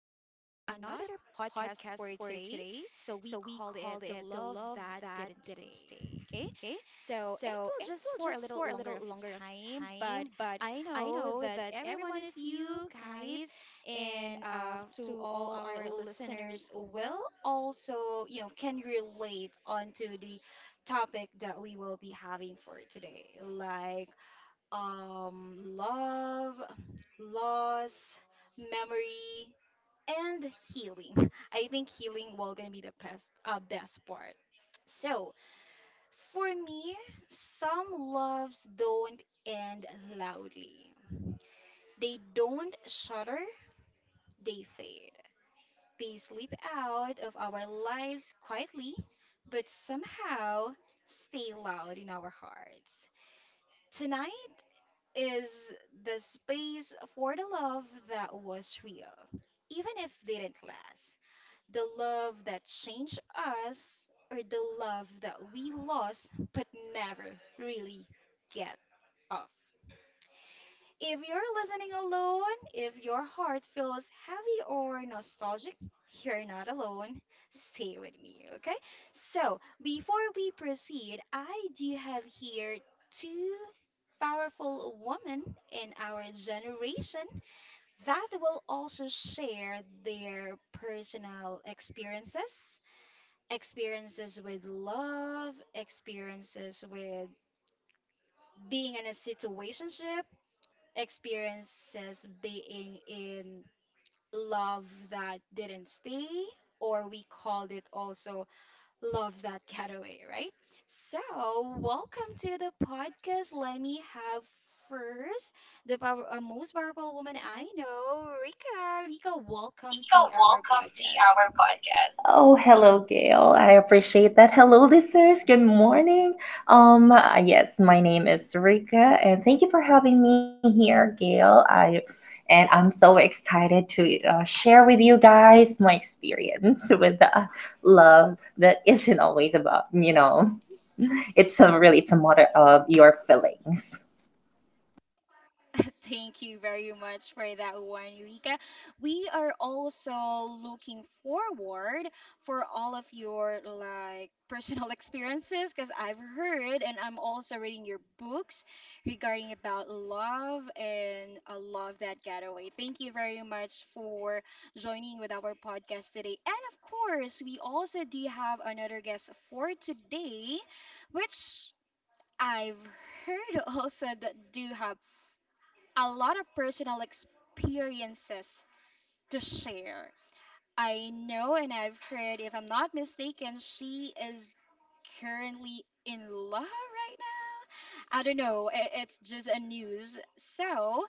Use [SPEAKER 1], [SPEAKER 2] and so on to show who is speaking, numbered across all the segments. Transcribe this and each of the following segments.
[SPEAKER 1] today. So, we called it The Love That Didn't Stay. Okay. So, it will just for a little longer of time, but I know that every one of you guys and to all our listeners will also, you know, can relate onto the topic that we will be having for today, like love, loss, memory, and healing. I think healing will gonna be the best, best part. So for me, some loves don't end loudly. They don't shudder. They fade. They slip out of our lives quietly, but somehow stay loud in our hearts. Tonight, is the space for the love that was real, even if didn't last. The love that changed us, or the love that we lost but never really get off. If you're listening alone, if your heart feels heavy or nostalgic, you're not alone. Stay with me, okay? So, before we proceed, I do have here two powerful women in our generation that will also share their personal experiences with love, experiences with being in a situation, experiences being in love that didn't stay, or we called it also love that got away, right? So, welcome to the podcast. Let me have first the power, most powerful woman I know, Rika. Rika, welcome to
[SPEAKER 2] Erica,
[SPEAKER 1] our
[SPEAKER 2] welcome to
[SPEAKER 1] podcast.
[SPEAKER 2] our podcast. Oh, hello, Gail. I appreciate that. Hello, listeners. Good morning. Yes, my name is Rika, and thank you for having me here, Gail. I'm so excited to share with you guys my experience with the love that isn't always about. It's a matter of your feelings.
[SPEAKER 1] Thank you very much for that one, Eureka. We are also looking forward for all of your like personal experiences because I've heard and I'm also reading your books regarding about love and a love that got away. Thank you very much for joining with our podcast today. And of course, we also do have another guest for today, which I've heard also that do have a lot of personal experiences to share. I know and I've heard, if I'm not mistaken, she is currently in love right now. I don't know, it's just a news. So,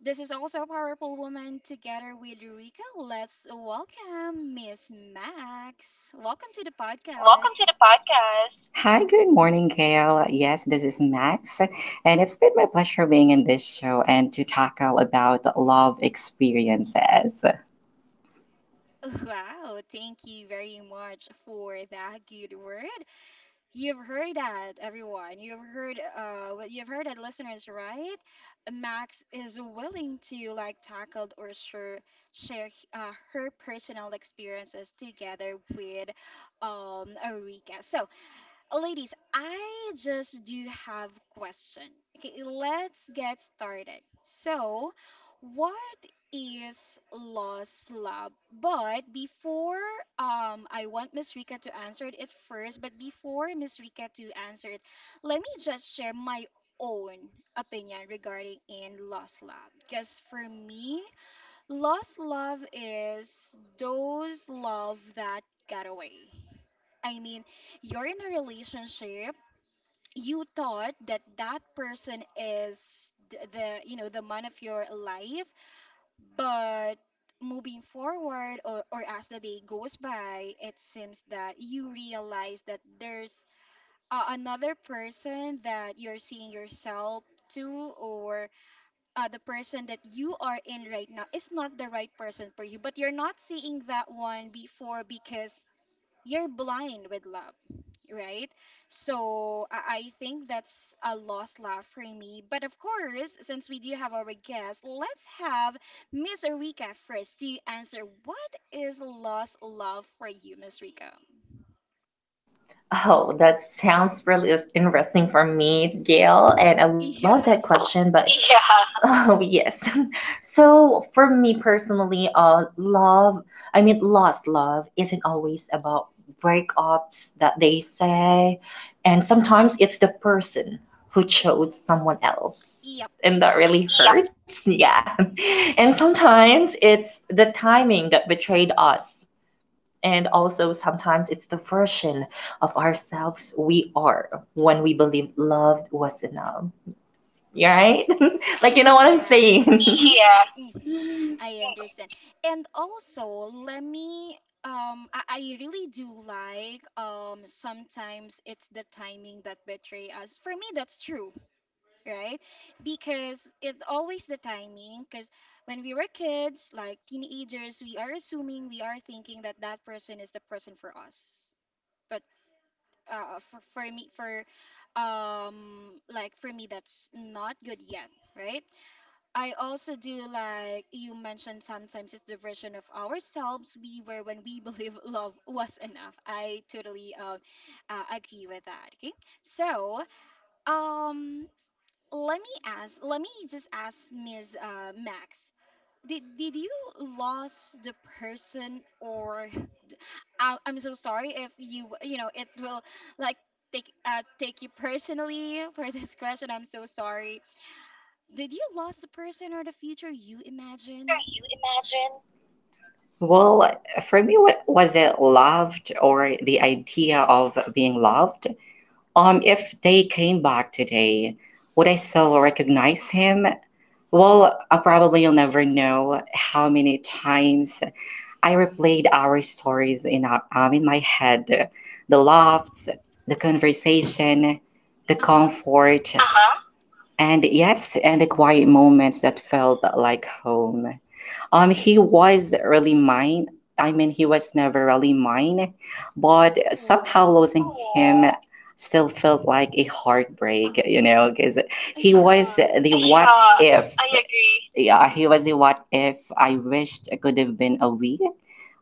[SPEAKER 1] this is also a powerful woman together with Eureka. Let's welcome Miss Max. Welcome to the
[SPEAKER 2] Welcome to
[SPEAKER 1] podcast.
[SPEAKER 2] the podcast. Hi, good morning, Gail. Yes, this is Max, and it's been my pleasure being in this show and to tackle about love experiences.
[SPEAKER 1] Wow, thank you very much for that good word. You've heard that, everyone. You've heard what you've heard that listeners, right? Max is willing to like tackle or share her personal experiences together with Eureka. So oh, ladies, I just do have question. Okay, let's get started. So, what is lost love? But before I want Miss Rika to answer it first, but before Miss Rika to answer it, let me just share my own opinion regarding in lost love. Because for me, lost love is those love that got away. I mean, you're in a relationship you thought that that person is the you know the man of your life but moving forward or as the day goes by it seems that you realize that there's another person that you're seeing yourself to or the person that you are in right now is not the right person for you but you're not seeing that one before because you're blind with love right? So I think that's a lost love for me. But of course, since we do have our guest, let's have Miss Rika first to answer what is lost love for you, Miss Rika?
[SPEAKER 2] Oh, that sounds really interesting for me, Gail, and I love
[SPEAKER 1] Yeah.
[SPEAKER 2] that question, but yeah. Oh, yes. So, for me personally, lost love isn't always about breakups that they say, and sometimes it's the person who chose someone else,
[SPEAKER 1] Yep.
[SPEAKER 2] and that really. Yep. Hurts. Yeah. And sometimes it's the timing that betrayed us. And also, sometimes it's the version of ourselves we are when we believe loved was enough. Right? Like, you know what I'm
[SPEAKER 1] Yeah.
[SPEAKER 2] saying? Yeah.
[SPEAKER 1] Mhm. I understand.
[SPEAKER 2] For
[SPEAKER 1] And also, let me I really do like sometimes it's the timing that betray us. For me, that's true right? Because it always the timing. Because when we were kids, like teenagers, we are assuming, we are thinking that that person is the person for us. But for me, for like for me, that's not good yet, right? I also do like you mentioned. Sometimes it's the version of ourselves we were when we believe love was enough. I totally agree with that. Okay, so um let me ask, let me just ask Ms. Max. Did you lose the person or I'm so sorry if you you know it will like take take you personally for this question. I'm so sorry. Did you lose the person or the future you
[SPEAKER 2] the future
[SPEAKER 1] imagine?
[SPEAKER 2] you imagine. Well, for me, what was it loved or the idea of being loved? If they came back today, would I still recognize him? Well, probably you'll never know how many times I replayed our stories in in my head, the laughs, the conversation, the
[SPEAKER 1] Uh-huh.
[SPEAKER 2] comfort, and yes, and the quiet moments that felt like home. Um, he was really mine. He was never really mine, but somehow losing
[SPEAKER 1] Oh,
[SPEAKER 2] him still felt like a heartbreak, you know, because he was the what
[SPEAKER 1] yeah,
[SPEAKER 2] Yeah, if.
[SPEAKER 1] I
[SPEAKER 2] I
[SPEAKER 1] agree.
[SPEAKER 2] agree. Yeah, he was the what if I wished could have been a we.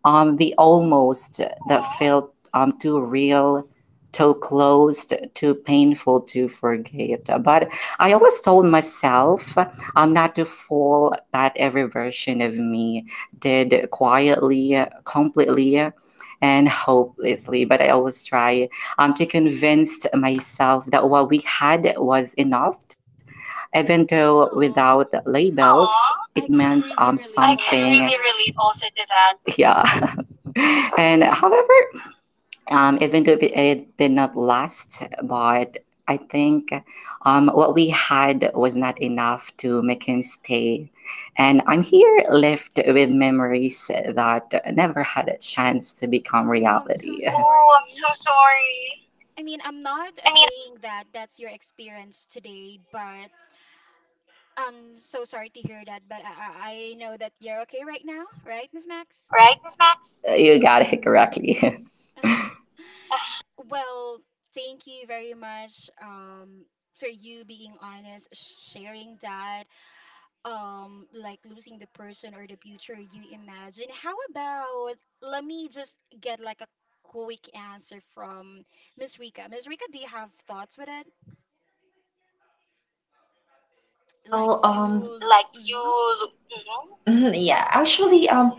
[SPEAKER 2] The almost that
[SPEAKER 1] Mm,
[SPEAKER 2] felt too real, so closed, too painful to forget. But I always told myself not to fall, but every version of me did quietly, completely, and hopelessly. But I always try to convince myself that what we had was enough. Even though without labels,
[SPEAKER 1] aw,
[SPEAKER 2] aw, it meant
[SPEAKER 1] I
[SPEAKER 2] something. I
[SPEAKER 1] can
[SPEAKER 2] can
[SPEAKER 1] really
[SPEAKER 2] really
[SPEAKER 1] relate
[SPEAKER 2] relate
[SPEAKER 1] also
[SPEAKER 2] also to
[SPEAKER 1] to that.
[SPEAKER 2] that. Yeah. And however, even though it did not last, but I think what we had was not enough to make him stay. And I'm here left with memories that never had a chance to become reality.
[SPEAKER 1] Oh, I'm
[SPEAKER 2] Oh,
[SPEAKER 1] so
[SPEAKER 2] I'm so
[SPEAKER 1] sorry.
[SPEAKER 2] sorry.
[SPEAKER 1] I mean,
[SPEAKER 2] I
[SPEAKER 1] I'm
[SPEAKER 2] mean,
[SPEAKER 1] not saying that that's your experience today, but I'm so sorry to hear that. But I know that you're okay right now, right, Miss
[SPEAKER 2] right now,
[SPEAKER 1] Max?
[SPEAKER 2] right, Miss Max? You got it correctly.
[SPEAKER 1] Well, thank you very much for you being honest, sharing that, like losing the person or the future you imagine. How about let me just get like a quick answer from Miss Rika. Miss Rika, do you have thoughts with it?
[SPEAKER 2] Well,
[SPEAKER 1] Like you,
[SPEAKER 2] like you. Lo-
[SPEAKER 1] mhm.
[SPEAKER 2] mhm. Mhm, yeah, actually,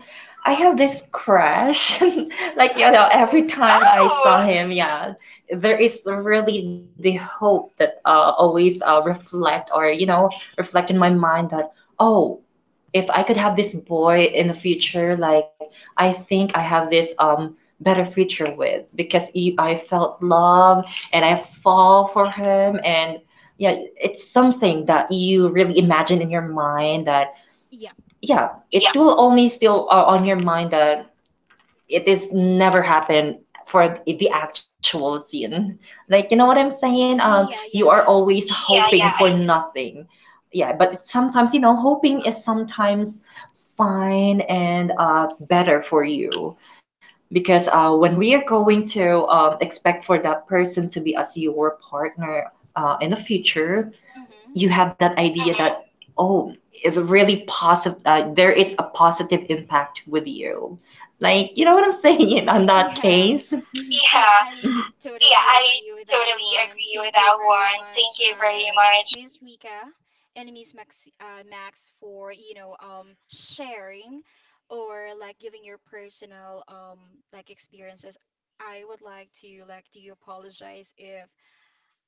[SPEAKER 2] I have this crush. Like, you know, every time I saw.
[SPEAKER 1] Oh.
[SPEAKER 2] Oh, him, yeah, there is really the hope that always reflect or, you know, reflect in my mind that, oh, if I could have this boy in the future, like, I think I have this better future with because he, I felt love and I fall for him and yeah, it's something that you really imagine in your mind that yeah,
[SPEAKER 1] Yeah.
[SPEAKER 2] it. Yeah. Will only still on your mind that it is never happened for the actual scene. Like you know what I'm saying? You are
[SPEAKER 1] Yeah, yeah.
[SPEAKER 2] always. Yeah,
[SPEAKER 1] I
[SPEAKER 2] hoping yeah, for nothing. Yeah, but it's sometimes you know hoping is sometimes fine and better for you because when we are going to expect for that person to be as your partner in the future you have
[SPEAKER 1] mm-hmm.
[SPEAKER 2] that idea, mm-hmm. that oh, it's really positive, there is a positive impact with you, like you know what I'm saying, in on that
[SPEAKER 1] Yeah.
[SPEAKER 2] case.
[SPEAKER 1] Yeah,
[SPEAKER 2] Yeah,
[SPEAKER 1] I
[SPEAKER 2] yeah,
[SPEAKER 1] totally
[SPEAKER 2] I
[SPEAKER 1] agree with that
[SPEAKER 2] totally
[SPEAKER 1] one.
[SPEAKER 2] agree with
[SPEAKER 1] Thank
[SPEAKER 2] that
[SPEAKER 1] you very
[SPEAKER 2] one. Thank
[SPEAKER 1] much,
[SPEAKER 2] you very much.
[SPEAKER 1] Miss Rika and Miss Max Max for, you know, sharing or like giving your personal like experiences. I would like to like do apologize if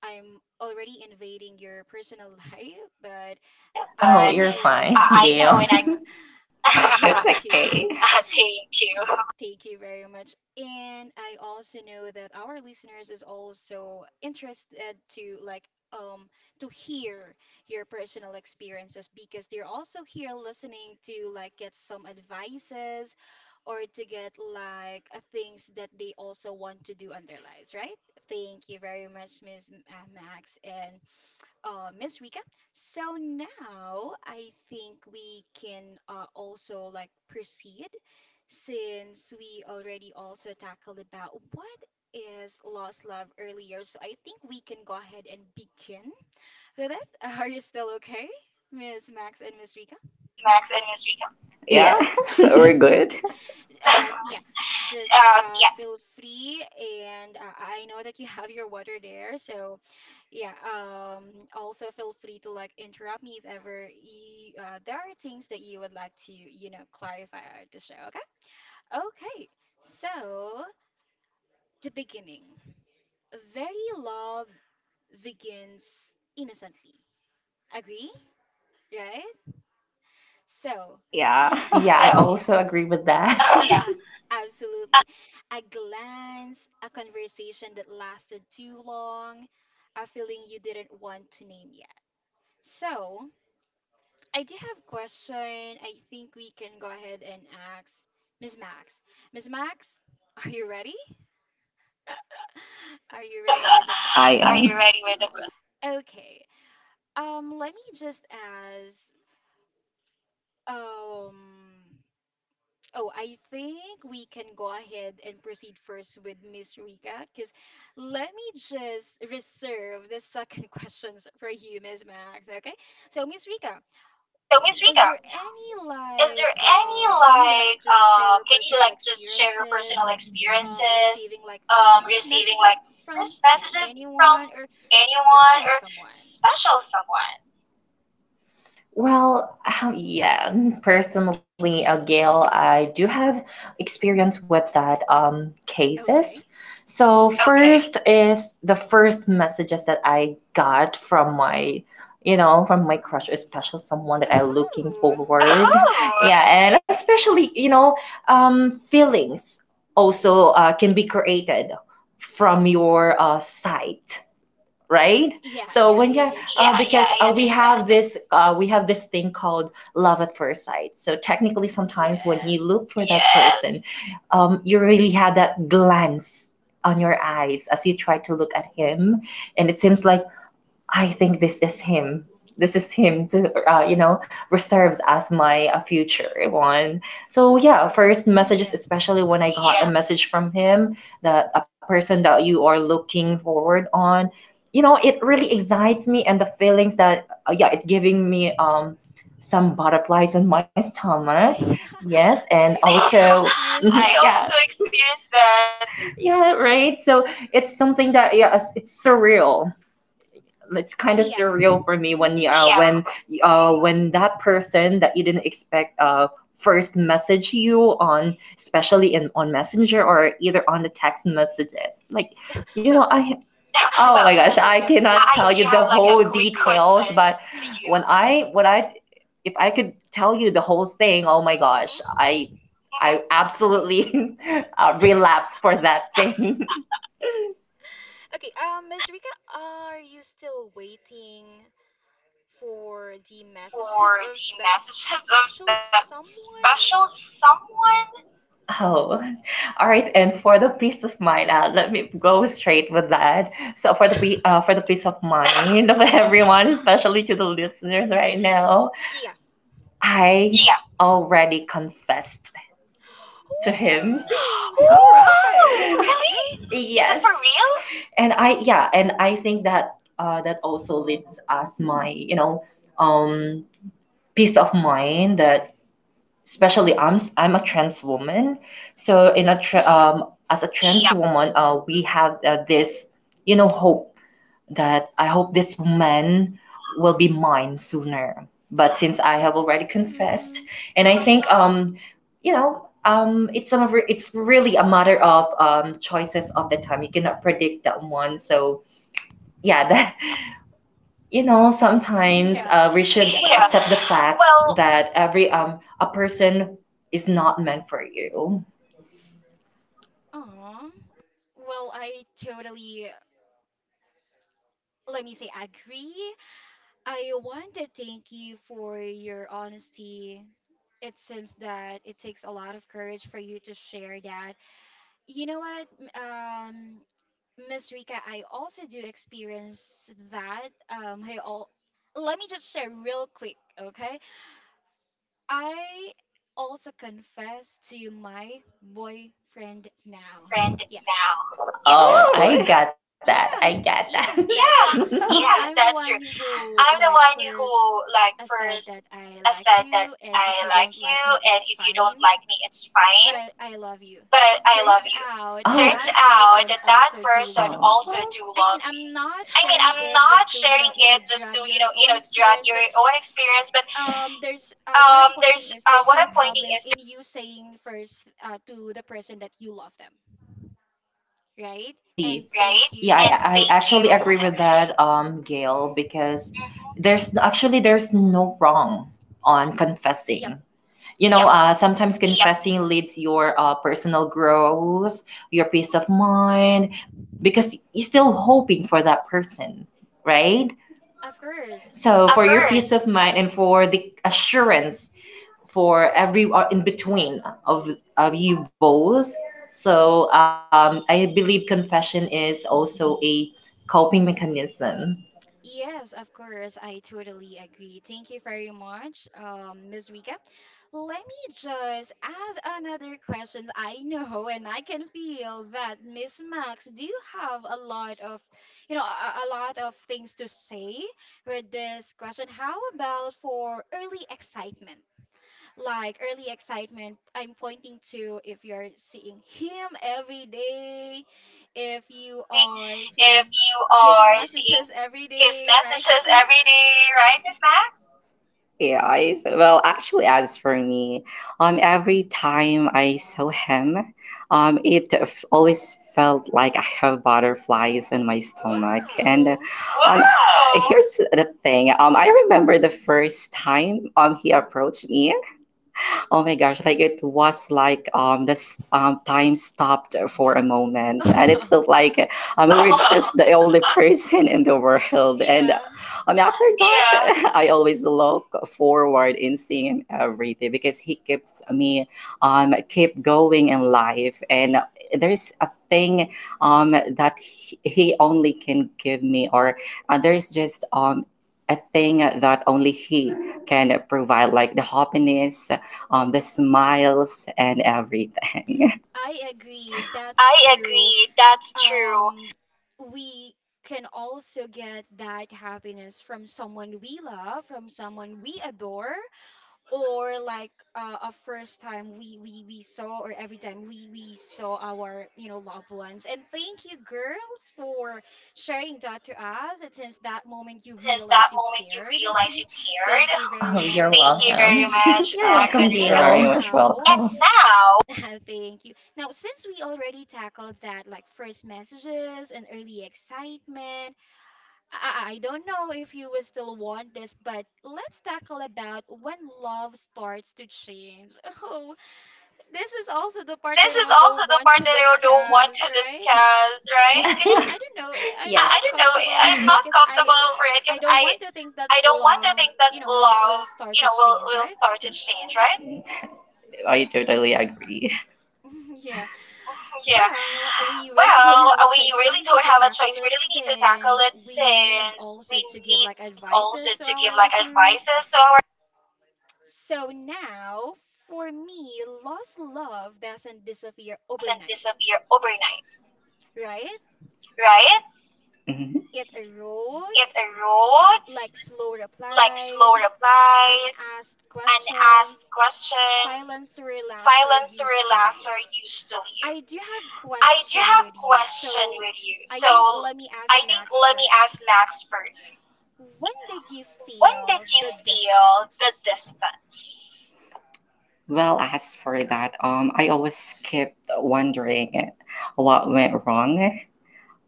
[SPEAKER 1] I'm already invading your personal life, but
[SPEAKER 2] Hi.
[SPEAKER 1] I,
[SPEAKER 2] Oh,
[SPEAKER 1] I
[SPEAKER 2] you're
[SPEAKER 1] know and I
[SPEAKER 2] fine, I Gail. Know when I... That's
[SPEAKER 1] Thank
[SPEAKER 2] okay.
[SPEAKER 1] you.
[SPEAKER 2] Thank you,
[SPEAKER 1] Year. Thank you very much. And I also know that our listeners is also interested to like um to hear your personal experiences because they're also here listening to like get some advices or to get like things that they also want to do on their lives, right? Thank you very much, Miss Max and Miss Rika. So now I think we can also like proceed since we already also tackled about what is lost love earlier. So I think we can go ahead and begin with it. Are you still okay, Miss Max and Miss Rika?
[SPEAKER 2] Miss Max and Miss Rika. Yes. We're good.
[SPEAKER 1] Yeah, just
[SPEAKER 2] Yeah,
[SPEAKER 1] feel free, and I know that you have your water there, so yeah, also feel free to like interrupt me if ever you, there are things that you would like to, you know, clarify or to share, okay? Okay, so the beginning. Very love begins innocently. Agree? Right?
[SPEAKER 2] eh?
[SPEAKER 1] So,
[SPEAKER 2] Yeah. Yeah, I
[SPEAKER 1] yeah,
[SPEAKER 2] also agree with that. Yeah.
[SPEAKER 1] uh absolutely. A glance, a conversation that lasted too long, a feeling you didn't want to name yet. So, I do have question. I think we can go ahead and ask Miss Max. Miss Max, are you ready? Are you ready with the que-
[SPEAKER 2] Are you ready with the
[SPEAKER 1] Okay. Let me just ask. Um, oh, I think we can go ahead and proceed first with Miss Rika, because let me just reserve the second questions for you, Miss Max. Okay. So, Miss Rika,
[SPEAKER 2] so, Miss Rika,
[SPEAKER 1] is there any
[SPEAKER 2] is there any
[SPEAKER 1] like
[SPEAKER 2] like,
[SPEAKER 1] can you like
[SPEAKER 2] can
[SPEAKER 1] just
[SPEAKER 2] you
[SPEAKER 1] share
[SPEAKER 2] like
[SPEAKER 1] your
[SPEAKER 2] just share
[SPEAKER 1] personal
[SPEAKER 2] your personal
[SPEAKER 1] experiences
[SPEAKER 2] experiences
[SPEAKER 1] receiving like
[SPEAKER 2] receiving like
[SPEAKER 1] first
[SPEAKER 2] first
[SPEAKER 1] messages
[SPEAKER 2] messages
[SPEAKER 1] from
[SPEAKER 2] from
[SPEAKER 1] anyone
[SPEAKER 2] anyone
[SPEAKER 1] or
[SPEAKER 2] or
[SPEAKER 1] special
[SPEAKER 2] special
[SPEAKER 1] someone?
[SPEAKER 2] someone? Well, yeah, personally, Gail, I do have experience with that cases. So
[SPEAKER 1] Okay.
[SPEAKER 2] okay. First is the first messages that I got from my, you know, from my crush, especially someone that I looking forward. Oh,
[SPEAKER 1] Oh.
[SPEAKER 2] yeah. Oh, and especially you know, feelings also can be created from your sight, right? So when you're
[SPEAKER 1] Yeah,
[SPEAKER 2] yeah, yeah,
[SPEAKER 1] yeah, I
[SPEAKER 2] because yeah, I we
[SPEAKER 1] understand.
[SPEAKER 2] have understand. This We have this thing called love at first sight. So technically, sometimes when you look for that. Yes.
[SPEAKER 1] Yes.
[SPEAKER 2] Person, you really have that glance on your eyes as you try to look at him, and it seems like I think this is him. This is him to, you know, reserves as my future one. So yeah, first messages, especially
[SPEAKER 1] Yeah.
[SPEAKER 2] when I got a. Yeah. Message from him that a person that you are looking forward on, you know, it really excites me and the feelings that yeah, it giving me some butterflies in my stomach.
[SPEAKER 1] Yeah.
[SPEAKER 2] Yes, and
[SPEAKER 1] I
[SPEAKER 2] also
[SPEAKER 1] also
[SPEAKER 2] I
[SPEAKER 1] experienced
[SPEAKER 2] yeah, also
[SPEAKER 1] that.
[SPEAKER 2] experienced that. Yeah, right. So it's something that yeah, it's surreal, it's kind of
[SPEAKER 1] Yeah.
[SPEAKER 2] surreal for me when yeah,
[SPEAKER 1] Hmm.
[SPEAKER 2] when that person that you didn't expect first message you on, especially in on messenger or either on the text messages like you know
[SPEAKER 1] Well,
[SPEAKER 2] I. Oh
[SPEAKER 1] I,
[SPEAKER 2] well,
[SPEAKER 1] I
[SPEAKER 2] my
[SPEAKER 1] do
[SPEAKER 2] gosh,
[SPEAKER 1] have
[SPEAKER 2] I
[SPEAKER 1] like a
[SPEAKER 2] cannot I
[SPEAKER 1] quick
[SPEAKER 2] tell you the like,
[SPEAKER 1] question
[SPEAKER 2] whole
[SPEAKER 1] to you.
[SPEAKER 2] details but when I if I could tell you the whole thing, oh my gosh,
[SPEAKER 1] Mm-hmm.
[SPEAKER 2] I absolutely relapse for that thing.
[SPEAKER 1] Okay, Miss Rika, are you still waiting for the messages
[SPEAKER 2] For
[SPEAKER 1] of that
[SPEAKER 2] the messages of
[SPEAKER 1] special
[SPEAKER 2] that
[SPEAKER 1] someone?
[SPEAKER 2] special someone. Oh, all right. And for the peace of mind, let me go straight with that. So for the peace of mind of everyone, especially to the listeners right now,
[SPEAKER 1] Yeah.
[SPEAKER 2] I. Yeah. Already confessed
[SPEAKER 1] Oh
[SPEAKER 2] to him.
[SPEAKER 1] wow,
[SPEAKER 2] All. Wow,
[SPEAKER 1] really? Is it
[SPEAKER 2] right.
[SPEAKER 1] for real?
[SPEAKER 2] Really? Is it. Yes. For real? And I yeah, and I think that that also leads us my you know um peace of mind that especially I'm a trans woman, so
[SPEAKER 1] Yep.
[SPEAKER 2] as a trans. Yeah. Woman, we have this you know hope that I hope this man will be mine sooner. But since I have already confessed,
[SPEAKER 1] Mm-hmm.
[SPEAKER 2] and I think you know it's really a matter of choices of the time. You cannot predict that one, so yeah that you know sometimes
[SPEAKER 1] Yeah.
[SPEAKER 2] we should. Yeah.
[SPEAKER 1] Well,
[SPEAKER 2] Accept the fact. Well, that every a person is not meant for you
[SPEAKER 1] aw. Well, I totally, let me say, agree. I want to thank you for your honesty. It seems that it takes a lot of courage for you to share that. You know what? m- Um, Miss Rika, I also do experience that. I all let me just share real quick, okay? I also confess to my boyfriend now.
[SPEAKER 2] boyfriend
[SPEAKER 1] Yeah,
[SPEAKER 2] now. You know? Oh I. Oh. Got that I got that.
[SPEAKER 1] yeah,
[SPEAKER 2] Yeah,
[SPEAKER 1] that's true.
[SPEAKER 2] yeah, that's true.
[SPEAKER 1] I'm the one
[SPEAKER 2] I'm the one
[SPEAKER 1] who like
[SPEAKER 2] who like
[SPEAKER 1] first
[SPEAKER 2] first
[SPEAKER 1] I said that
[SPEAKER 2] said that
[SPEAKER 1] I like
[SPEAKER 2] I like
[SPEAKER 1] you,
[SPEAKER 2] you,
[SPEAKER 1] and if you
[SPEAKER 2] and if you
[SPEAKER 1] don't like
[SPEAKER 2] don't
[SPEAKER 1] me,
[SPEAKER 2] like me,
[SPEAKER 1] it's
[SPEAKER 2] it's
[SPEAKER 1] fine.
[SPEAKER 2] fine.
[SPEAKER 1] But
[SPEAKER 2] But
[SPEAKER 1] I,
[SPEAKER 2] I,
[SPEAKER 1] I
[SPEAKER 2] I
[SPEAKER 1] love
[SPEAKER 2] love
[SPEAKER 1] you.
[SPEAKER 2] you. Oh,
[SPEAKER 1] Turns
[SPEAKER 2] turns
[SPEAKER 1] out
[SPEAKER 2] out
[SPEAKER 1] that
[SPEAKER 2] that
[SPEAKER 1] that
[SPEAKER 2] that person.
[SPEAKER 1] person
[SPEAKER 2] Oh. Also
[SPEAKER 1] also
[SPEAKER 2] do
[SPEAKER 1] do
[SPEAKER 2] love
[SPEAKER 1] love
[SPEAKER 2] me.
[SPEAKER 1] me. I
[SPEAKER 2] I
[SPEAKER 1] mean,
[SPEAKER 2] mean,
[SPEAKER 1] I'm
[SPEAKER 2] I'm
[SPEAKER 1] not
[SPEAKER 2] not sharing
[SPEAKER 1] sharing
[SPEAKER 2] it
[SPEAKER 1] it just
[SPEAKER 2] just to
[SPEAKER 1] to,
[SPEAKER 2] you know
[SPEAKER 1] you
[SPEAKER 2] you
[SPEAKER 1] know,
[SPEAKER 2] know
[SPEAKER 1] drag
[SPEAKER 2] drag your
[SPEAKER 1] your own
[SPEAKER 2] own
[SPEAKER 1] experience,
[SPEAKER 2] experience,
[SPEAKER 1] but
[SPEAKER 2] but
[SPEAKER 1] there's
[SPEAKER 2] there's
[SPEAKER 1] what
[SPEAKER 2] what
[SPEAKER 1] I'm
[SPEAKER 2] I'm pointing
[SPEAKER 1] pointing is
[SPEAKER 2] is
[SPEAKER 1] there's no problem in you saying first to the person that you love them,
[SPEAKER 2] actually,
[SPEAKER 1] right?
[SPEAKER 2] right? Yeah,
[SPEAKER 1] And
[SPEAKER 2] and I thank
[SPEAKER 1] thank you.
[SPEAKER 2] actually you. Agree with that, Gail, because
[SPEAKER 1] Hmm.
[SPEAKER 2] there's actually there's no wrong on confessing.
[SPEAKER 1] Yep,
[SPEAKER 2] You know, yep,
[SPEAKER 1] yep.
[SPEAKER 2] sometimes yep, confessing leads your personal growth, your peace of mind, because you're still hoping for that person, right?
[SPEAKER 1] Of
[SPEAKER 2] So of for
[SPEAKER 1] course.
[SPEAKER 2] your peace course. Of mind and for the assurance for every or in between of you both. So I believe confession is also a coping mechanism.
[SPEAKER 1] Yes, of course. I totally agree. Thank you very much, Ms. Rika. Let me just ask another question. I know and I can feel that Miss Max do have a lot of, you know, a lot of things to say with this question. How about for early excitement? Like early excitement, I'm pointing to if you're seeing him every day, if you are
[SPEAKER 2] If
[SPEAKER 1] seeing
[SPEAKER 2] you
[SPEAKER 1] his
[SPEAKER 2] are seeing
[SPEAKER 1] messages every
[SPEAKER 2] his
[SPEAKER 1] day, right, Miss
[SPEAKER 2] messages every
[SPEAKER 1] Max?
[SPEAKER 2] day, right, Miss Max? AIs. Well, actually, as for me, every time I saw him, always felt like I have butterflies in my stomach. And
[SPEAKER 1] Wow.
[SPEAKER 2] wow. Here's the thing. I remember the first time he approached me. Oh my gosh, like it was like this time stopped for a moment and it
[SPEAKER 1] Wow,
[SPEAKER 2] felt like we were just the only person in the world and
[SPEAKER 1] yeah,
[SPEAKER 2] after yeah, that. I always look forward in seeing him every day because he keeps me keep going in life and there's a thing um that he only can give me or there's just a thing that only he can provide, like the happiness, the smiles, and everything.
[SPEAKER 1] I agree, that's
[SPEAKER 2] I
[SPEAKER 1] true.
[SPEAKER 2] agree. That's true.
[SPEAKER 1] um we can also get that happiness from someone we love, from someone we adore, or like a first time we saw or every time we saw our, you know, loved ones. And thank you, girls, for sharing that to us. It seems that moment you
[SPEAKER 2] Positive since that
[SPEAKER 1] realized you
[SPEAKER 2] moment you
[SPEAKER 1] cared.
[SPEAKER 2] realize you cared.
[SPEAKER 1] Thank you
[SPEAKER 2] Oh,
[SPEAKER 1] very
[SPEAKER 2] you're. Thank
[SPEAKER 1] much,
[SPEAKER 2] welcome. Thank you
[SPEAKER 1] Max
[SPEAKER 2] very
[SPEAKER 1] and Rika.
[SPEAKER 2] much, you're welcome, you're
[SPEAKER 1] And
[SPEAKER 2] very much welcome.
[SPEAKER 1] now
[SPEAKER 2] And now,
[SPEAKER 1] thank you. Now, since we already tackled that, like first messages and early excitement, I don't know if you will still want this, but let's tackle about when love starts to change. Oh, this is
[SPEAKER 2] this is
[SPEAKER 1] also the
[SPEAKER 2] also
[SPEAKER 1] part
[SPEAKER 2] the
[SPEAKER 1] that
[SPEAKER 2] part that
[SPEAKER 1] I
[SPEAKER 2] I
[SPEAKER 1] don't
[SPEAKER 2] don't
[SPEAKER 1] want
[SPEAKER 2] want
[SPEAKER 1] to
[SPEAKER 2] to discuss,
[SPEAKER 1] discuss, right? Because
[SPEAKER 2] right?
[SPEAKER 1] I,
[SPEAKER 2] Yes.
[SPEAKER 1] I
[SPEAKER 2] I
[SPEAKER 1] don't
[SPEAKER 2] don't
[SPEAKER 1] know,
[SPEAKER 2] know.
[SPEAKER 1] I'm
[SPEAKER 2] I'm
[SPEAKER 1] not
[SPEAKER 2] not comfortable
[SPEAKER 1] comfortable for
[SPEAKER 2] for
[SPEAKER 1] it because
[SPEAKER 2] it because
[SPEAKER 1] I I
[SPEAKER 2] I
[SPEAKER 1] don't want
[SPEAKER 2] don't
[SPEAKER 1] to
[SPEAKER 2] want to
[SPEAKER 1] think that
[SPEAKER 2] think that
[SPEAKER 1] love,
[SPEAKER 2] love,
[SPEAKER 1] you know,
[SPEAKER 2] you
[SPEAKER 1] will
[SPEAKER 2] know,
[SPEAKER 1] will
[SPEAKER 2] will
[SPEAKER 1] start to
[SPEAKER 2] start to
[SPEAKER 1] change, right?
[SPEAKER 2] change, right? I totally agree.
[SPEAKER 1] Yeah.
[SPEAKER 2] Yeah.
[SPEAKER 1] Well, we
[SPEAKER 2] Well,
[SPEAKER 1] really don't
[SPEAKER 2] we
[SPEAKER 1] have a
[SPEAKER 2] really
[SPEAKER 1] choice.
[SPEAKER 2] don't
[SPEAKER 1] We
[SPEAKER 2] have
[SPEAKER 1] really
[SPEAKER 2] a
[SPEAKER 1] need to
[SPEAKER 2] choice. We really
[SPEAKER 1] tackle it,
[SPEAKER 2] need to tackle it
[SPEAKER 1] since we
[SPEAKER 2] since
[SPEAKER 1] need
[SPEAKER 2] we
[SPEAKER 1] also to
[SPEAKER 2] need
[SPEAKER 1] give like
[SPEAKER 2] also to give
[SPEAKER 1] advices
[SPEAKER 2] like
[SPEAKER 1] to our
[SPEAKER 2] advices to
[SPEAKER 1] listeners.
[SPEAKER 2] our
[SPEAKER 1] So now, for me, lost love doesn't disappear
[SPEAKER 2] doesn't
[SPEAKER 1] overnight,
[SPEAKER 2] disappear overnight,
[SPEAKER 1] right?
[SPEAKER 2] right? Mhm.
[SPEAKER 1] It
[SPEAKER 2] It
[SPEAKER 1] erodes,
[SPEAKER 2] erodes,
[SPEAKER 1] like
[SPEAKER 2] like
[SPEAKER 1] slow
[SPEAKER 2] slow replies,
[SPEAKER 1] replies, unasked
[SPEAKER 2] unasked
[SPEAKER 1] questions,
[SPEAKER 2] questions,
[SPEAKER 1] silence
[SPEAKER 2] silence
[SPEAKER 1] where
[SPEAKER 2] through
[SPEAKER 1] laughter
[SPEAKER 2] laughter
[SPEAKER 1] used to live.
[SPEAKER 2] usually.
[SPEAKER 1] I
[SPEAKER 2] I
[SPEAKER 1] do
[SPEAKER 2] do
[SPEAKER 1] have
[SPEAKER 2] have
[SPEAKER 1] question
[SPEAKER 2] question
[SPEAKER 1] with
[SPEAKER 2] with
[SPEAKER 1] you.
[SPEAKER 2] you.
[SPEAKER 1] So
[SPEAKER 2] So
[SPEAKER 1] I
[SPEAKER 2] I
[SPEAKER 1] think
[SPEAKER 2] think
[SPEAKER 1] let me
[SPEAKER 2] let me
[SPEAKER 1] ask
[SPEAKER 2] ask
[SPEAKER 1] Max
[SPEAKER 2] Max
[SPEAKER 1] first.
[SPEAKER 2] first.
[SPEAKER 1] When
[SPEAKER 2] When
[SPEAKER 1] did you
[SPEAKER 2] did you
[SPEAKER 1] feel
[SPEAKER 2] feel
[SPEAKER 1] the
[SPEAKER 2] the
[SPEAKER 1] distance?
[SPEAKER 2] distance? Well, as for that, I always kept wondering what went wrong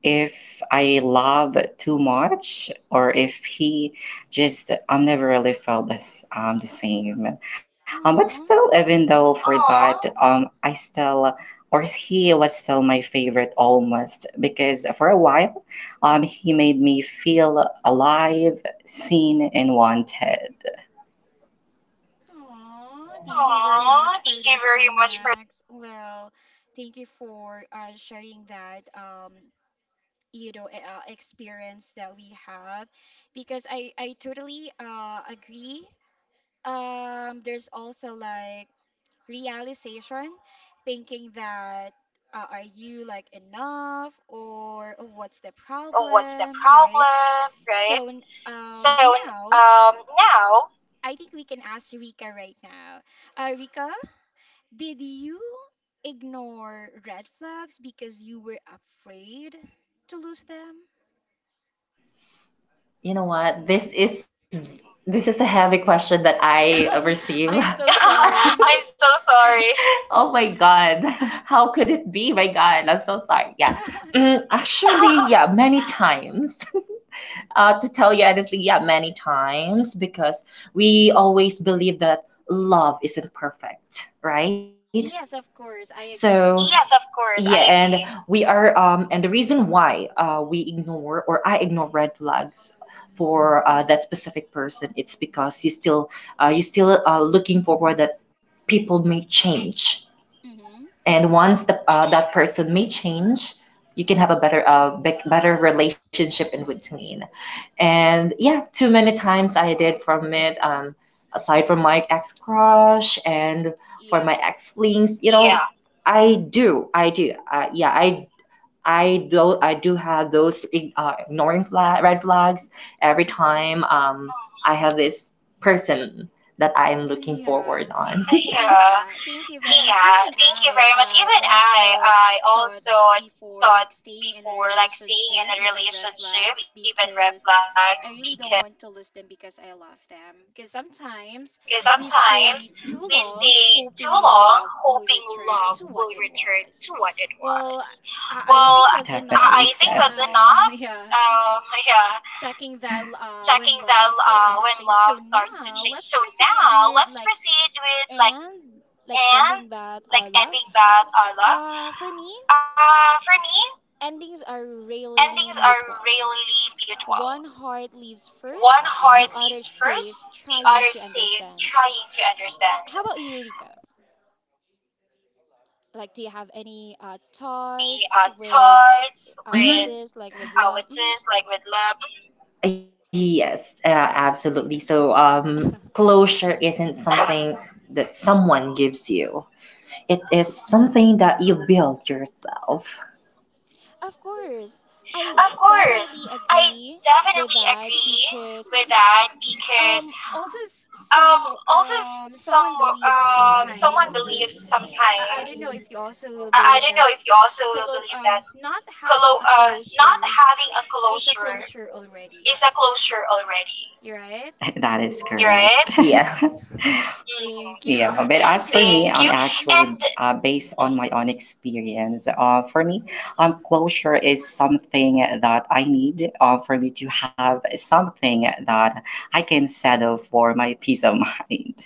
[SPEAKER 2] if I love too much or if he just I've never really felt this the same. But still,
[SPEAKER 1] Aww.
[SPEAKER 2] even though for that I still or he was still my favorite almost because for a while he made me feel alive, seen and wanted.
[SPEAKER 1] Aw, thank you very
[SPEAKER 2] Aw,
[SPEAKER 1] much
[SPEAKER 2] thank
[SPEAKER 1] for
[SPEAKER 2] you
[SPEAKER 1] this
[SPEAKER 2] very
[SPEAKER 1] one,
[SPEAKER 2] much for
[SPEAKER 1] Max. Well, thank you for sharing that you know, experience that we have, because I totally agree. There's also like realization, thinking that are you like enough, or oh, what's the
[SPEAKER 2] more of what's the
[SPEAKER 1] problem, right?
[SPEAKER 2] problem,
[SPEAKER 1] So
[SPEAKER 2] right?
[SPEAKER 1] n- um
[SPEAKER 2] So
[SPEAKER 1] now
[SPEAKER 2] now.
[SPEAKER 1] I think we can ask Rika right now. Rika? Did you ignore red flags because you were afraid to lose them?
[SPEAKER 2] You know what? This is a heavy question that I
[SPEAKER 1] Hmm.
[SPEAKER 2] receive.
[SPEAKER 1] I'm so sorry.
[SPEAKER 2] I'm so sorry. Oh my god. How could it be? My god, I'm so sorry. Yeah. Actually, yeah, many times. To tell you honestly, yeah, many times because we always believe that love isn't perfect, right?
[SPEAKER 1] Yes, of course,
[SPEAKER 2] So,
[SPEAKER 1] I
[SPEAKER 2] yes, of
[SPEAKER 1] agree.
[SPEAKER 2] course. Yeah, I and agree. We are, and the reason why we ignore or I ignore red flags for that specific person, it's because you still looking forward that people may change,
[SPEAKER 1] Mm-hmm.
[SPEAKER 2] and once the, that person may change you can have a better better relationship in between. And yeah, too many times I did from it, aside from my ex crush and for my ex
[SPEAKER 1] Yeah.
[SPEAKER 2] flings, you know. Yeah, I do yeah I do have those ignoring flag, red flags every time,
[SPEAKER 1] Mm-hmm.
[SPEAKER 2] I have this person that I'm looking forward on.
[SPEAKER 1] Yeah.
[SPEAKER 2] Yeah.
[SPEAKER 1] Yeah. Thank
[SPEAKER 2] Yeah,
[SPEAKER 1] you very
[SPEAKER 2] thank you
[SPEAKER 1] much.
[SPEAKER 2] very
[SPEAKER 1] Even
[SPEAKER 2] much. Even
[SPEAKER 1] I,
[SPEAKER 2] I,
[SPEAKER 1] I
[SPEAKER 2] I
[SPEAKER 1] also
[SPEAKER 2] also
[SPEAKER 1] thought
[SPEAKER 2] thought
[SPEAKER 1] before like
[SPEAKER 2] before like
[SPEAKER 1] staying in a
[SPEAKER 2] staying in a
[SPEAKER 1] relationship, even
[SPEAKER 2] relationship,
[SPEAKER 1] red
[SPEAKER 2] even red
[SPEAKER 1] flags,
[SPEAKER 2] flags,
[SPEAKER 1] because
[SPEAKER 2] because
[SPEAKER 1] I really don't want to lose them because I love them. Because sometimes
[SPEAKER 2] sometimes
[SPEAKER 1] we
[SPEAKER 2] we
[SPEAKER 1] stay
[SPEAKER 2] stay
[SPEAKER 1] too
[SPEAKER 2] too
[SPEAKER 1] long
[SPEAKER 2] long
[SPEAKER 1] hoping
[SPEAKER 2] hoping
[SPEAKER 1] love
[SPEAKER 2] love
[SPEAKER 1] will
[SPEAKER 2] will
[SPEAKER 1] return
[SPEAKER 2] return
[SPEAKER 1] to
[SPEAKER 2] to
[SPEAKER 1] what it
[SPEAKER 2] what it
[SPEAKER 1] was.
[SPEAKER 2] was.
[SPEAKER 1] Well,
[SPEAKER 2] Well, definitely
[SPEAKER 1] I
[SPEAKER 2] I
[SPEAKER 1] think
[SPEAKER 2] think
[SPEAKER 1] that's
[SPEAKER 2] said that's
[SPEAKER 1] enough.
[SPEAKER 2] enough.
[SPEAKER 1] Yeah,
[SPEAKER 2] Yeah,
[SPEAKER 1] checking
[SPEAKER 2] checking
[SPEAKER 1] that
[SPEAKER 2] that
[SPEAKER 1] when
[SPEAKER 2] when
[SPEAKER 1] love
[SPEAKER 2] love
[SPEAKER 1] starts to
[SPEAKER 2] starts to
[SPEAKER 1] change.
[SPEAKER 2] change.
[SPEAKER 1] So
[SPEAKER 2] So
[SPEAKER 1] now
[SPEAKER 2] now
[SPEAKER 1] let's
[SPEAKER 2] let's
[SPEAKER 1] proceed
[SPEAKER 2] proceed
[SPEAKER 1] with
[SPEAKER 2] with
[SPEAKER 1] like
[SPEAKER 2] like
[SPEAKER 1] and
[SPEAKER 2] and
[SPEAKER 1] like
[SPEAKER 2] like
[SPEAKER 1] ending
[SPEAKER 2] ending
[SPEAKER 1] that
[SPEAKER 2] that
[SPEAKER 1] love.
[SPEAKER 2] love.
[SPEAKER 1] For
[SPEAKER 2] For
[SPEAKER 1] me,
[SPEAKER 2] me,
[SPEAKER 1] endings
[SPEAKER 2] endings
[SPEAKER 1] are
[SPEAKER 2] are
[SPEAKER 1] rarely
[SPEAKER 2] rarely
[SPEAKER 1] mutual.
[SPEAKER 2] mutual.
[SPEAKER 1] One
[SPEAKER 2] One
[SPEAKER 1] heart
[SPEAKER 2] heart
[SPEAKER 1] leaves
[SPEAKER 2] leaves
[SPEAKER 1] first,
[SPEAKER 2] first,
[SPEAKER 1] the
[SPEAKER 2] the
[SPEAKER 1] other
[SPEAKER 2] other
[SPEAKER 1] stays
[SPEAKER 2] stays
[SPEAKER 1] trying
[SPEAKER 2] trying
[SPEAKER 1] to
[SPEAKER 2] to
[SPEAKER 1] understand.
[SPEAKER 2] understand.
[SPEAKER 1] How about you, Rika?
[SPEAKER 2] Like,
[SPEAKER 1] Like,
[SPEAKER 2] do
[SPEAKER 1] do
[SPEAKER 2] you
[SPEAKER 1] you
[SPEAKER 2] have
[SPEAKER 1] have
[SPEAKER 2] any
[SPEAKER 1] any
[SPEAKER 2] thoughts
[SPEAKER 1] thoughts
[SPEAKER 2] with mhm, with
[SPEAKER 1] with
[SPEAKER 2] this,
[SPEAKER 1] this,
[SPEAKER 2] like
[SPEAKER 1] like
[SPEAKER 2] with
[SPEAKER 1] with
[SPEAKER 2] love?
[SPEAKER 1] love? Mhm.
[SPEAKER 2] Yes, absolutely. So, closure isn't something that someone gives you. It is something that you build yourself.
[SPEAKER 1] Of
[SPEAKER 2] Of
[SPEAKER 1] course,
[SPEAKER 2] course,
[SPEAKER 1] I
[SPEAKER 2] I
[SPEAKER 1] definitely
[SPEAKER 2] definitely
[SPEAKER 1] agree
[SPEAKER 2] agree
[SPEAKER 1] with
[SPEAKER 2] with
[SPEAKER 1] that
[SPEAKER 2] that
[SPEAKER 1] because
[SPEAKER 2] because
[SPEAKER 1] also
[SPEAKER 2] Also,
[SPEAKER 1] some
[SPEAKER 2] some
[SPEAKER 1] someone
[SPEAKER 2] someone
[SPEAKER 1] believes
[SPEAKER 2] believes
[SPEAKER 1] sometimes.
[SPEAKER 2] sometimes.
[SPEAKER 1] I don't
[SPEAKER 2] I
[SPEAKER 1] know
[SPEAKER 2] don't
[SPEAKER 1] if
[SPEAKER 2] know
[SPEAKER 1] you
[SPEAKER 2] if you
[SPEAKER 1] also will
[SPEAKER 2] also will
[SPEAKER 1] believe that
[SPEAKER 2] believe that
[SPEAKER 1] not
[SPEAKER 2] not
[SPEAKER 1] having a
[SPEAKER 2] having a
[SPEAKER 1] closure
[SPEAKER 2] closure
[SPEAKER 1] is a
[SPEAKER 2] is a
[SPEAKER 1] closure
[SPEAKER 2] closure
[SPEAKER 1] already,
[SPEAKER 2] already. That is you're
[SPEAKER 1] right?
[SPEAKER 2] correct, right. Yeah.
[SPEAKER 1] Hmm.
[SPEAKER 2] Yeah, but
[SPEAKER 1] Thank
[SPEAKER 2] as for
[SPEAKER 1] you.
[SPEAKER 2] me, thank am you,
[SPEAKER 1] And
[SPEAKER 2] actually. And
[SPEAKER 1] mhm.
[SPEAKER 2] based on my own experience, for me, closure is something that I need for me to have something that I can settle for my peace of mind.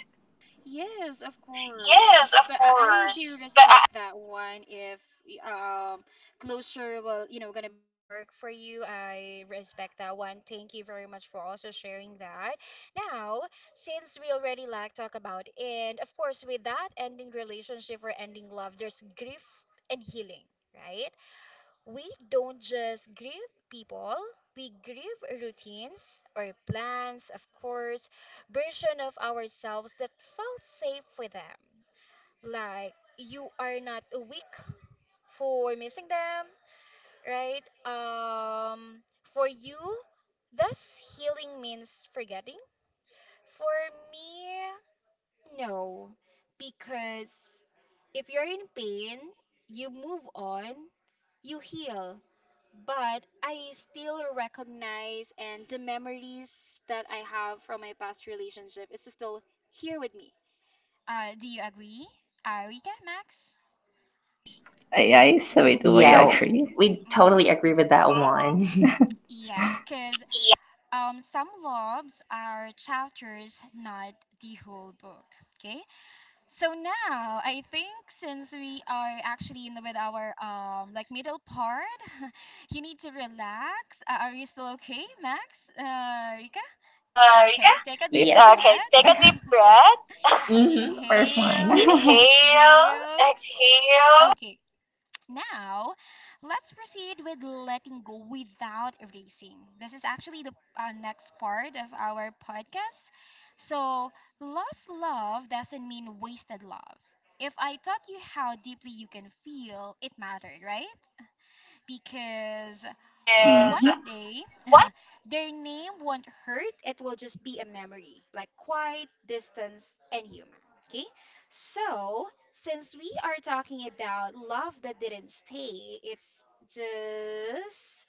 [SPEAKER 1] Yes, of
[SPEAKER 2] Yes, of
[SPEAKER 1] course. But I do
[SPEAKER 2] course. But I.
[SPEAKER 1] respect that one if closer will, you know, gonna be work for you. I respect that one. Thank you very much for also sharing that. Now, since we already like talk about, and of course with that ending relationship or ending love, there's grief and healing, right? We don't just grieve people, we grieve routines or plans, of course, version of ourselves that felt safe with them. Like, you are not weak for missing them, right? Um, for you, does healing means forgetting? For me, no. Because if you're in pain, you move on, you heal. But I still recognize, and the memories that I have from my past relationship is still here with me. Do you agree, uh, Max?
[SPEAKER 2] Max, I so it would yeah, actually, we totally
[SPEAKER 1] Mm-hmm.
[SPEAKER 2] agree with that one.
[SPEAKER 1] Yes, because some loves are chapters, not the whole book. Okay, so now I think since we are actually in with our like middle part, you need to relax. Are you still okay, Max?
[SPEAKER 2] Yeah,
[SPEAKER 1] Rika?
[SPEAKER 2] Rika? Yes.
[SPEAKER 1] Okay,
[SPEAKER 2] Okay,
[SPEAKER 1] take
[SPEAKER 2] take
[SPEAKER 1] a
[SPEAKER 2] a
[SPEAKER 1] deep
[SPEAKER 2] deep
[SPEAKER 1] breath.
[SPEAKER 2] breath. Mm-hmm. We're fine.
[SPEAKER 1] Inhale,
[SPEAKER 2] Inhale,
[SPEAKER 1] exhale.
[SPEAKER 2] exhale,
[SPEAKER 1] Okay, now let's proceed with letting go without erasing. This is actually the next part of our podcast. So, lost love doesn't mean wasted love. If I taught you how deeply you can feel, it mattered, right? Because
[SPEAKER 2] kiss.
[SPEAKER 1] one
[SPEAKER 2] Mm-hmm.
[SPEAKER 1] day,
[SPEAKER 2] One
[SPEAKER 1] their name won't hurt. It will just be a memory, like quiet, distance, and humor. Okay? So, since we are talking about love that didn't stay, it's just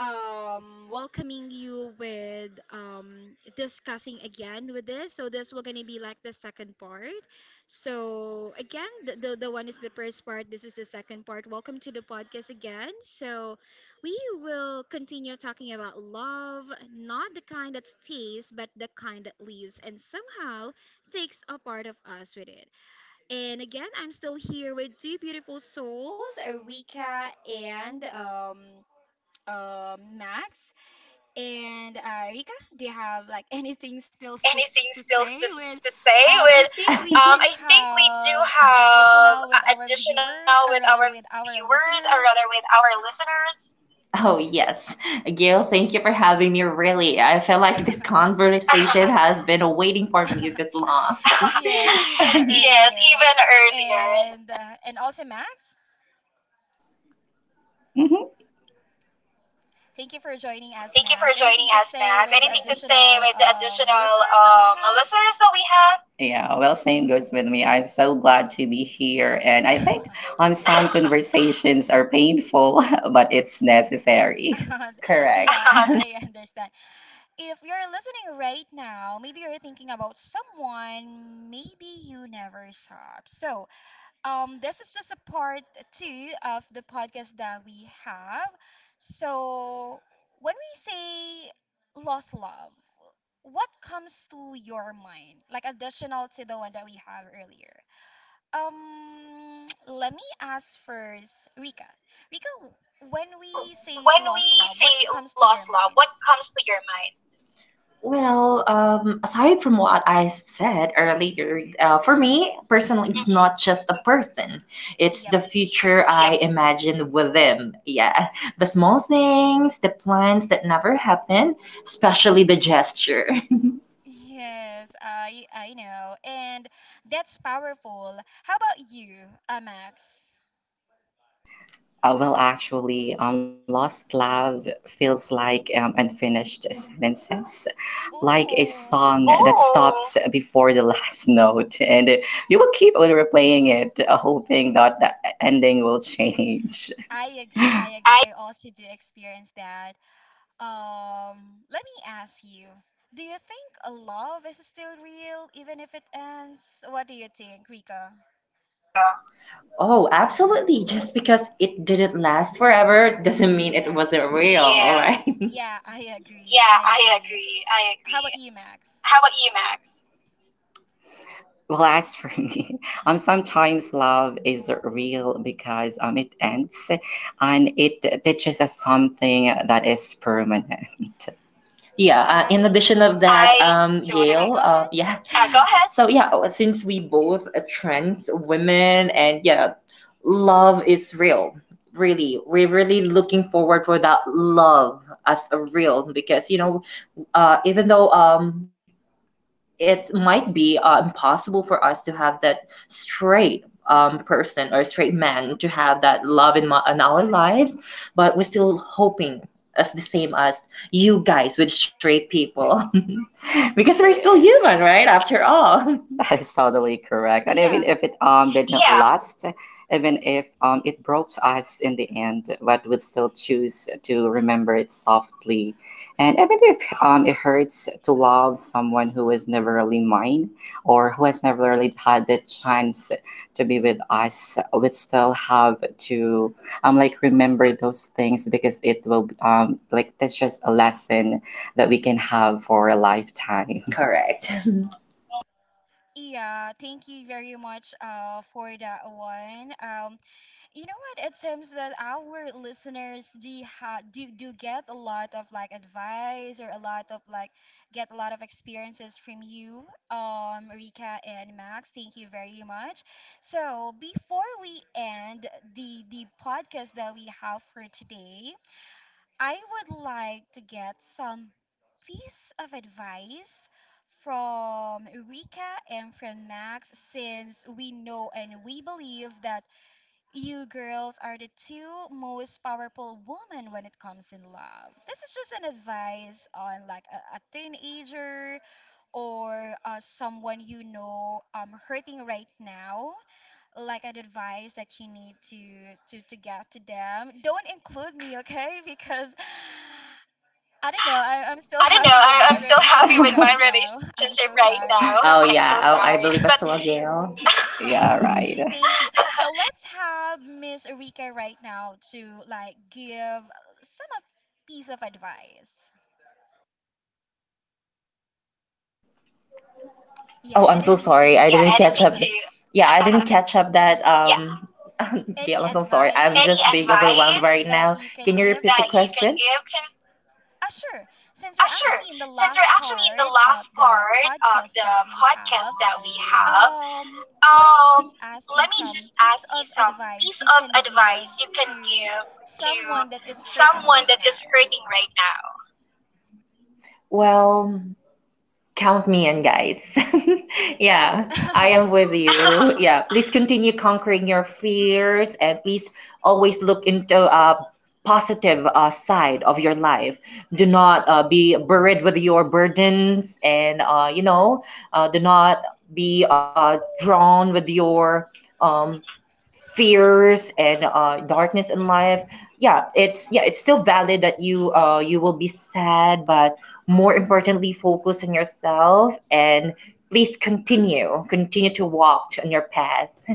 [SPEAKER 1] welcoming you with discussing again with this. So this will gonna be like the second part. So again, the one is the first part. This is the second part. Welcome to the podcast again. So we will continue talking about love, not the kind that stays, but the kind that leaves and somehow takes a part of us with it. And again, I'm still here with two beautiful souls, Rika and Max, and Rika. Do you have
[SPEAKER 2] have
[SPEAKER 1] like
[SPEAKER 2] like
[SPEAKER 1] anything
[SPEAKER 2] anything
[SPEAKER 1] still
[SPEAKER 2] still
[SPEAKER 1] to, to
[SPEAKER 2] to say
[SPEAKER 1] say? With
[SPEAKER 2] with um, i
[SPEAKER 1] I think
[SPEAKER 2] think
[SPEAKER 1] we
[SPEAKER 2] we do
[SPEAKER 1] do have
[SPEAKER 2] have
[SPEAKER 1] additional
[SPEAKER 2] additional
[SPEAKER 1] with
[SPEAKER 2] with
[SPEAKER 1] our
[SPEAKER 2] our
[SPEAKER 1] viewers, or
[SPEAKER 2] viewers,
[SPEAKER 1] rather
[SPEAKER 2] or
[SPEAKER 1] with
[SPEAKER 2] rather with
[SPEAKER 1] our
[SPEAKER 2] our
[SPEAKER 1] listeners.
[SPEAKER 2] listeners. Oh, yes. Gil, thank you for having me. Really, I feel like this conversation has been waiting for me this long. Yes,
[SPEAKER 1] Yes, even
[SPEAKER 2] even
[SPEAKER 1] earlier,
[SPEAKER 2] earlier.
[SPEAKER 1] and also Max. Thank you for
[SPEAKER 2] Thank you
[SPEAKER 1] joining
[SPEAKER 2] for
[SPEAKER 1] us,
[SPEAKER 2] joining
[SPEAKER 1] Max.
[SPEAKER 2] us,
[SPEAKER 1] Anything to
[SPEAKER 2] Max.
[SPEAKER 1] say
[SPEAKER 2] Anything to
[SPEAKER 1] with the
[SPEAKER 2] say with the
[SPEAKER 1] additional
[SPEAKER 2] additional
[SPEAKER 1] listeners that we
[SPEAKER 2] listeners that we have? Yeah, well, same goes with me. I'm so glad to be here. And I think
[SPEAKER 1] have?
[SPEAKER 2] some conversations are painful, but it's necessary. Correct.
[SPEAKER 1] Yeah, I understand. If you're listening right now, maybe you're thinking about someone maybe you never saw. So, this is just a part 2 of the podcast that we have. So, when we say lost love, what comes to your mind, like additional to the one that we have earlier? Let me ask first, Rika. Rika, when
[SPEAKER 2] So,
[SPEAKER 1] we say
[SPEAKER 2] when
[SPEAKER 1] lost
[SPEAKER 2] we
[SPEAKER 1] love,
[SPEAKER 2] say
[SPEAKER 1] what comes to
[SPEAKER 2] lost
[SPEAKER 1] your
[SPEAKER 2] love, what
[SPEAKER 1] mind?
[SPEAKER 2] comes to your mind? Well, aside from what I've said earlier, for
[SPEAKER 1] Mm-hmm.
[SPEAKER 2] me personally, it's not just a person; it's
[SPEAKER 1] Yep.
[SPEAKER 2] the future I imagine with them. Yeah, the small things, the plans that never happen, especially the gesture.
[SPEAKER 1] Yes, I know. And that's powerful. How about you, Max?
[SPEAKER 2] Well, actually, lost love feels like unfinished sentences, like a
[SPEAKER 1] Oh,
[SPEAKER 2] song that stops. Oh, before the last note, and you will keep on replaying it, hoping that the ending will change.
[SPEAKER 1] I agree. I
[SPEAKER 2] I
[SPEAKER 1] agree. I also do experience that. Let me ask you. Do you think a love is still real even if it ends? What do you think, Rika?
[SPEAKER 2] Rika. Oh, absolutely. Just because it didn't last forever doesn't mean it
[SPEAKER 1] Yes.
[SPEAKER 2] wasn't real, all yeah, alright?
[SPEAKER 1] Yeah, I
[SPEAKER 2] Yeah,
[SPEAKER 1] agree. I
[SPEAKER 2] I
[SPEAKER 1] agree.
[SPEAKER 2] agree. I
[SPEAKER 1] How about
[SPEAKER 2] agree.
[SPEAKER 1] you, Max?
[SPEAKER 2] How about you, Max? Well, as for me, sometimes love is real because it ends and it teaches us something that is permanent. Yeah, in
[SPEAKER 1] I
[SPEAKER 2] addition of
[SPEAKER 1] totally.
[SPEAKER 2] that, I
[SPEAKER 1] Mhm.
[SPEAKER 2] totally. Gail,
[SPEAKER 1] Go ahead.
[SPEAKER 2] yeah. Go ahead. So yeah, since we both are trans women and yeah, love is real. Really, we're really looking forward for that love as a real because you know, even though it might be impossible for us to have that straight person or straight man to have that love in, my, in our lives, but we're still hoping as the same as you guys with straight people because we're still human, right? After all. That is totally correct. And even
[SPEAKER 1] Yeah,
[SPEAKER 2] if it didn't yeah, last, even if it broke to us in the end, but we'd still choose to remember it softly. And even if it hurts to love someone who was never really mine or who has never really had the chance to be with us, we'd still have to like remember those things because it will like that's just a lesson that we can have for a lifetime. Correct.
[SPEAKER 1] yeah, thank you very much for that one. You know what? It seems that our listeners do, ha do do get a lot of like advice or a lot of like get a lot of experiences from you, Rika and Max. Thank you very much. So before we end the podcast that we have for today, I would like to get some piece of advice from Rika and from Max, since we know and we believe that you girls are the two most powerful women when it comes in love. This is just an advice on like a teenager or someone you know hurting right now, like an advice that you need to get to them. Don't include me, okay? Because I don't know. I'm still
[SPEAKER 2] I don't know.
[SPEAKER 1] happy with
[SPEAKER 2] I,
[SPEAKER 1] my
[SPEAKER 2] I'm still happy
[SPEAKER 1] relationship
[SPEAKER 2] with my
[SPEAKER 1] right now.
[SPEAKER 2] relationship
[SPEAKER 1] I'm
[SPEAKER 2] right
[SPEAKER 1] so
[SPEAKER 2] now.
[SPEAKER 1] sorry.
[SPEAKER 2] Oh, I'm
[SPEAKER 1] But
[SPEAKER 2] yeah, so oh, I sorry believe, but, as but well, Gail. Yeah, right.
[SPEAKER 1] thank you. So let's have Miss Rika right now to like give some of piece of advice.
[SPEAKER 2] Oh, I'm so
[SPEAKER 1] Yeah,
[SPEAKER 2] sorry. I
[SPEAKER 1] anything
[SPEAKER 2] yeah, didn't
[SPEAKER 1] to
[SPEAKER 2] catch anything up. Yeah, I didn't catch up
[SPEAKER 1] yeah,
[SPEAKER 2] that, yeah. Gail, I'm so sorry.
[SPEAKER 1] any
[SPEAKER 2] I'm any just being
[SPEAKER 1] advice
[SPEAKER 2] overwhelmed advice right now. Can you repeat
[SPEAKER 1] that
[SPEAKER 2] the that you
[SPEAKER 1] you
[SPEAKER 2] can
[SPEAKER 1] can
[SPEAKER 2] question
[SPEAKER 1] give
[SPEAKER 2] give
[SPEAKER 1] since
[SPEAKER 2] since.
[SPEAKER 1] ah sure,
[SPEAKER 2] Sure.
[SPEAKER 1] since
[SPEAKER 2] Since we're
[SPEAKER 1] we're actually
[SPEAKER 2] actually
[SPEAKER 1] in
[SPEAKER 2] in
[SPEAKER 1] the
[SPEAKER 2] the
[SPEAKER 1] last
[SPEAKER 2] last part
[SPEAKER 1] part of
[SPEAKER 2] of the
[SPEAKER 1] the
[SPEAKER 2] podcast
[SPEAKER 1] podcast
[SPEAKER 2] that
[SPEAKER 1] that
[SPEAKER 2] we
[SPEAKER 1] we
[SPEAKER 2] have,
[SPEAKER 1] have.
[SPEAKER 2] um,
[SPEAKER 1] Um,
[SPEAKER 2] let
[SPEAKER 1] let
[SPEAKER 2] me
[SPEAKER 1] me just
[SPEAKER 2] just
[SPEAKER 1] ask
[SPEAKER 2] ask you
[SPEAKER 1] you
[SPEAKER 2] some
[SPEAKER 1] some
[SPEAKER 2] piece
[SPEAKER 1] piece
[SPEAKER 2] of
[SPEAKER 1] of advice
[SPEAKER 2] advice
[SPEAKER 1] you
[SPEAKER 2] you can
[SPEAKER 1] can give
[SPEAKER 2] give
[SPEAKER 1] to
[SPEAKER 2] to
[SPEAKER 1] someone
[SPEAKER 2] someone
[SPEAKER 1] that
[SPEAKER 2] that
[SPEAKER 1] is
[SPEAKER 2] is
[SPEAKER 1] hurting
[SPEAKER 2] hurting
[SPEAKER 1] right
[SPEAKER 2] right
[SPEAKER 1] now.
[SPEAKER 2] now. Well, count me in, guys. Yeah, I am with you. Yeah, please continue conquering your fears and please always look into positive side of your life. Do not be buried with your burdens and, you know, do not be drawn with your um, fears and darkness in life. Yeah, it's still valid that you you will be sad but, more importantly, focus on yourself and please continue to walk on your path.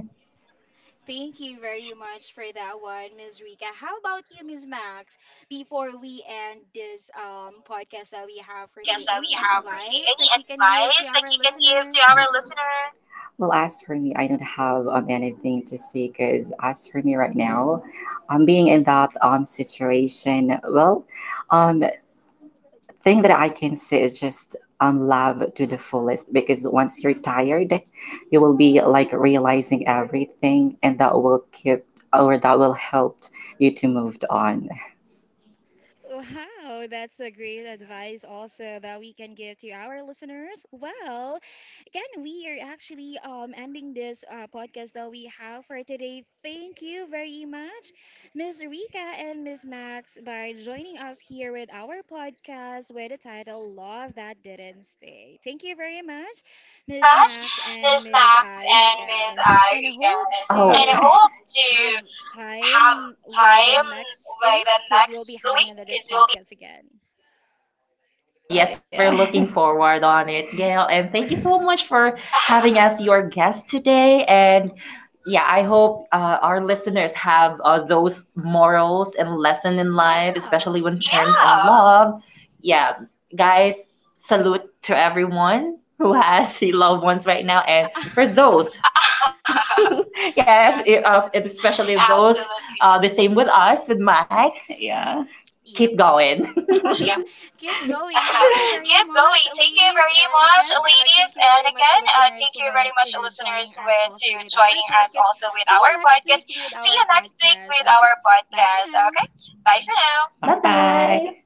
[SPEAKER 1] Thank you very much for that one, Ms. Rika. How about you, Ms. Max? Before we end this podcast that we
[SPEAKER 2] Podcast that we
[SPEAKER 1] have for
[SPEAKER 2] have
[SPEAKER 1] today,
[SPEAKER 2] for today.
[SPEAKER 1] any
[SPEAKER 2] Any
[SPEAKER 1] advice
[SPEAKER 2] advice
[SPEAKER 1] that
[SPEAKER 2] that
[SPEAKER 1] you
[SPEAKER 2] you
[SPEAKER 1] can
[SPEAKER 2] can
[SPEAKER 1] give
[SPEAKER 2] give
[SPEAKER 1] to
[SPEAKER 2] to
[SPEAKER 1] our
[SPEAKER 2] our listener?
[SPEAKER 1] listener?
[SPEAKER 2] Well, as for me, I don't have anything to say because as for me right now, being in that situation, well, um, thing that I can say is just love to the fullest because once you're tired, you will be like realizing everything, and that will keep or that will help you to move on.
[SPEAKER 1] Wow, that's a great advice also that we can give to our listeners. Well, again, we are actually ending this podcast that we have for today. Thank you very much, Miss Rika and Miss Max, by joining us here with our podcast with the title Love That Didn't Stay. Thank you very much,
[SPEAKER 2] Very much,
[SPEAKER 1] Miss
[SPEAKER 2] Miss
[SPEAKER 1] Max
[SPEAKER 2] Max
[SPEAKER 1] and Miss
[SPEAKER 2] and Miss
[SPEAKER 1] Rika.
[SPEAKER 2] Irika.
[SPEAKER 1] And
[SPEAKER 2] Oh, and I
[SPEAKER 1] hope
[SPEAKER 2] hope
[SPEAKER 1] to
[SPEAKER 2] to
[SPEAKER 1] have
[SPEAKER 2] have time
[SPEAKER 1] time
[SPEAKER 2] by
[SPEAKER 1] by the
[SPEAKER 2] the next
[SPEAKER 1] next week
[SPEAKER 2] week because
[SPEAKER 1] because we'll
[SPEAKER 2] we'll
[SPEAKER 1] be having another podcast again.
[SPEAKER 2] oh yes, we're looking yes forward on it, Gail. And thank you so much for having us your guest today. And yeah, I hope our listeners have those morals and lesson in life, especially when it comes in yeah,
[SPEAKER 1] Yeah.
[SPEAKER 2] love. Yeah, guys, salute to everyone who has loved ones right now, and for those, yeah, and especially those
[SPEAKER 1] Absolutely.
[SPEAKER 2] absolutely the same with us with Max. Yeah. Keep going.
[SPEAKER 1] Yep.
[SPEAKER 2] Yep.
[SPEAKER 1] Keep
[SPEAKER 2] Keep
[SPEAKER 1] going.
[SPEAKER 2] going.
[SPEAKER 1] Thank you
[SPEAKER 2] Thank you
[SPEAKER 1] very
[SPEAKER 2] very
[SPEAKER 1] much,
[SPEAKER 2] much,
[SPEAKER 1] ladies.
[SPEAKER 2] ladies.
[SPEAKER 1] And
[SPEAKER 2] And
[SPEAKER 1] again,
[SPEAKER 2] again,
[SPEAKER 1] thank you
[SPEAKER 2] thank you
[SPEAKER 1] very
[SPEAKER 2] very
[SPEAKER 1] much,
[SPEAKER 2] much,
[SPEAKER 1] listeners,
[SPEAKER 2] listeners,
[SPEAKER 1] with
[SPEAKER 2] with to
[SPEAKER 1] to joining
[SPEAKER 2] joining
[SPEAKER 1] us
[SPEAKER 2] us
[SPEAKER 1] also
[SPEAKER 2] also
[SPEAKER 1] with
[SPEAKER 2] with
[SPEAKER 1] our
[SPEAKER 2] our
[SPEAKER 1] podcast.
[SPEAKER 2] podcast.
[SPEAKER 1] See
[SPEAKER 2] See
[SPEAKER 1] you
[SPEAKER 2] you
[SPEAKER 1] next
[SPEAKER 2] next
[SPEAKER 1] week
[SPEAKER 2] week
[SPEAKER 1] with
[SPEAKER 2] with
[SPEAKER 1] our
[SPEAKER 2] our
[SPEAKER 1] podcast.
[SPEAKER 2] podcast.
[SPEAKER 1] Okay.
[SPEAKER 2] Okay.
[SPEAKER 1] Bye for
[SPEAKER 2] Bye for
[SPEAKER 1] now.
[SPEAKER 2] now. Bye bye.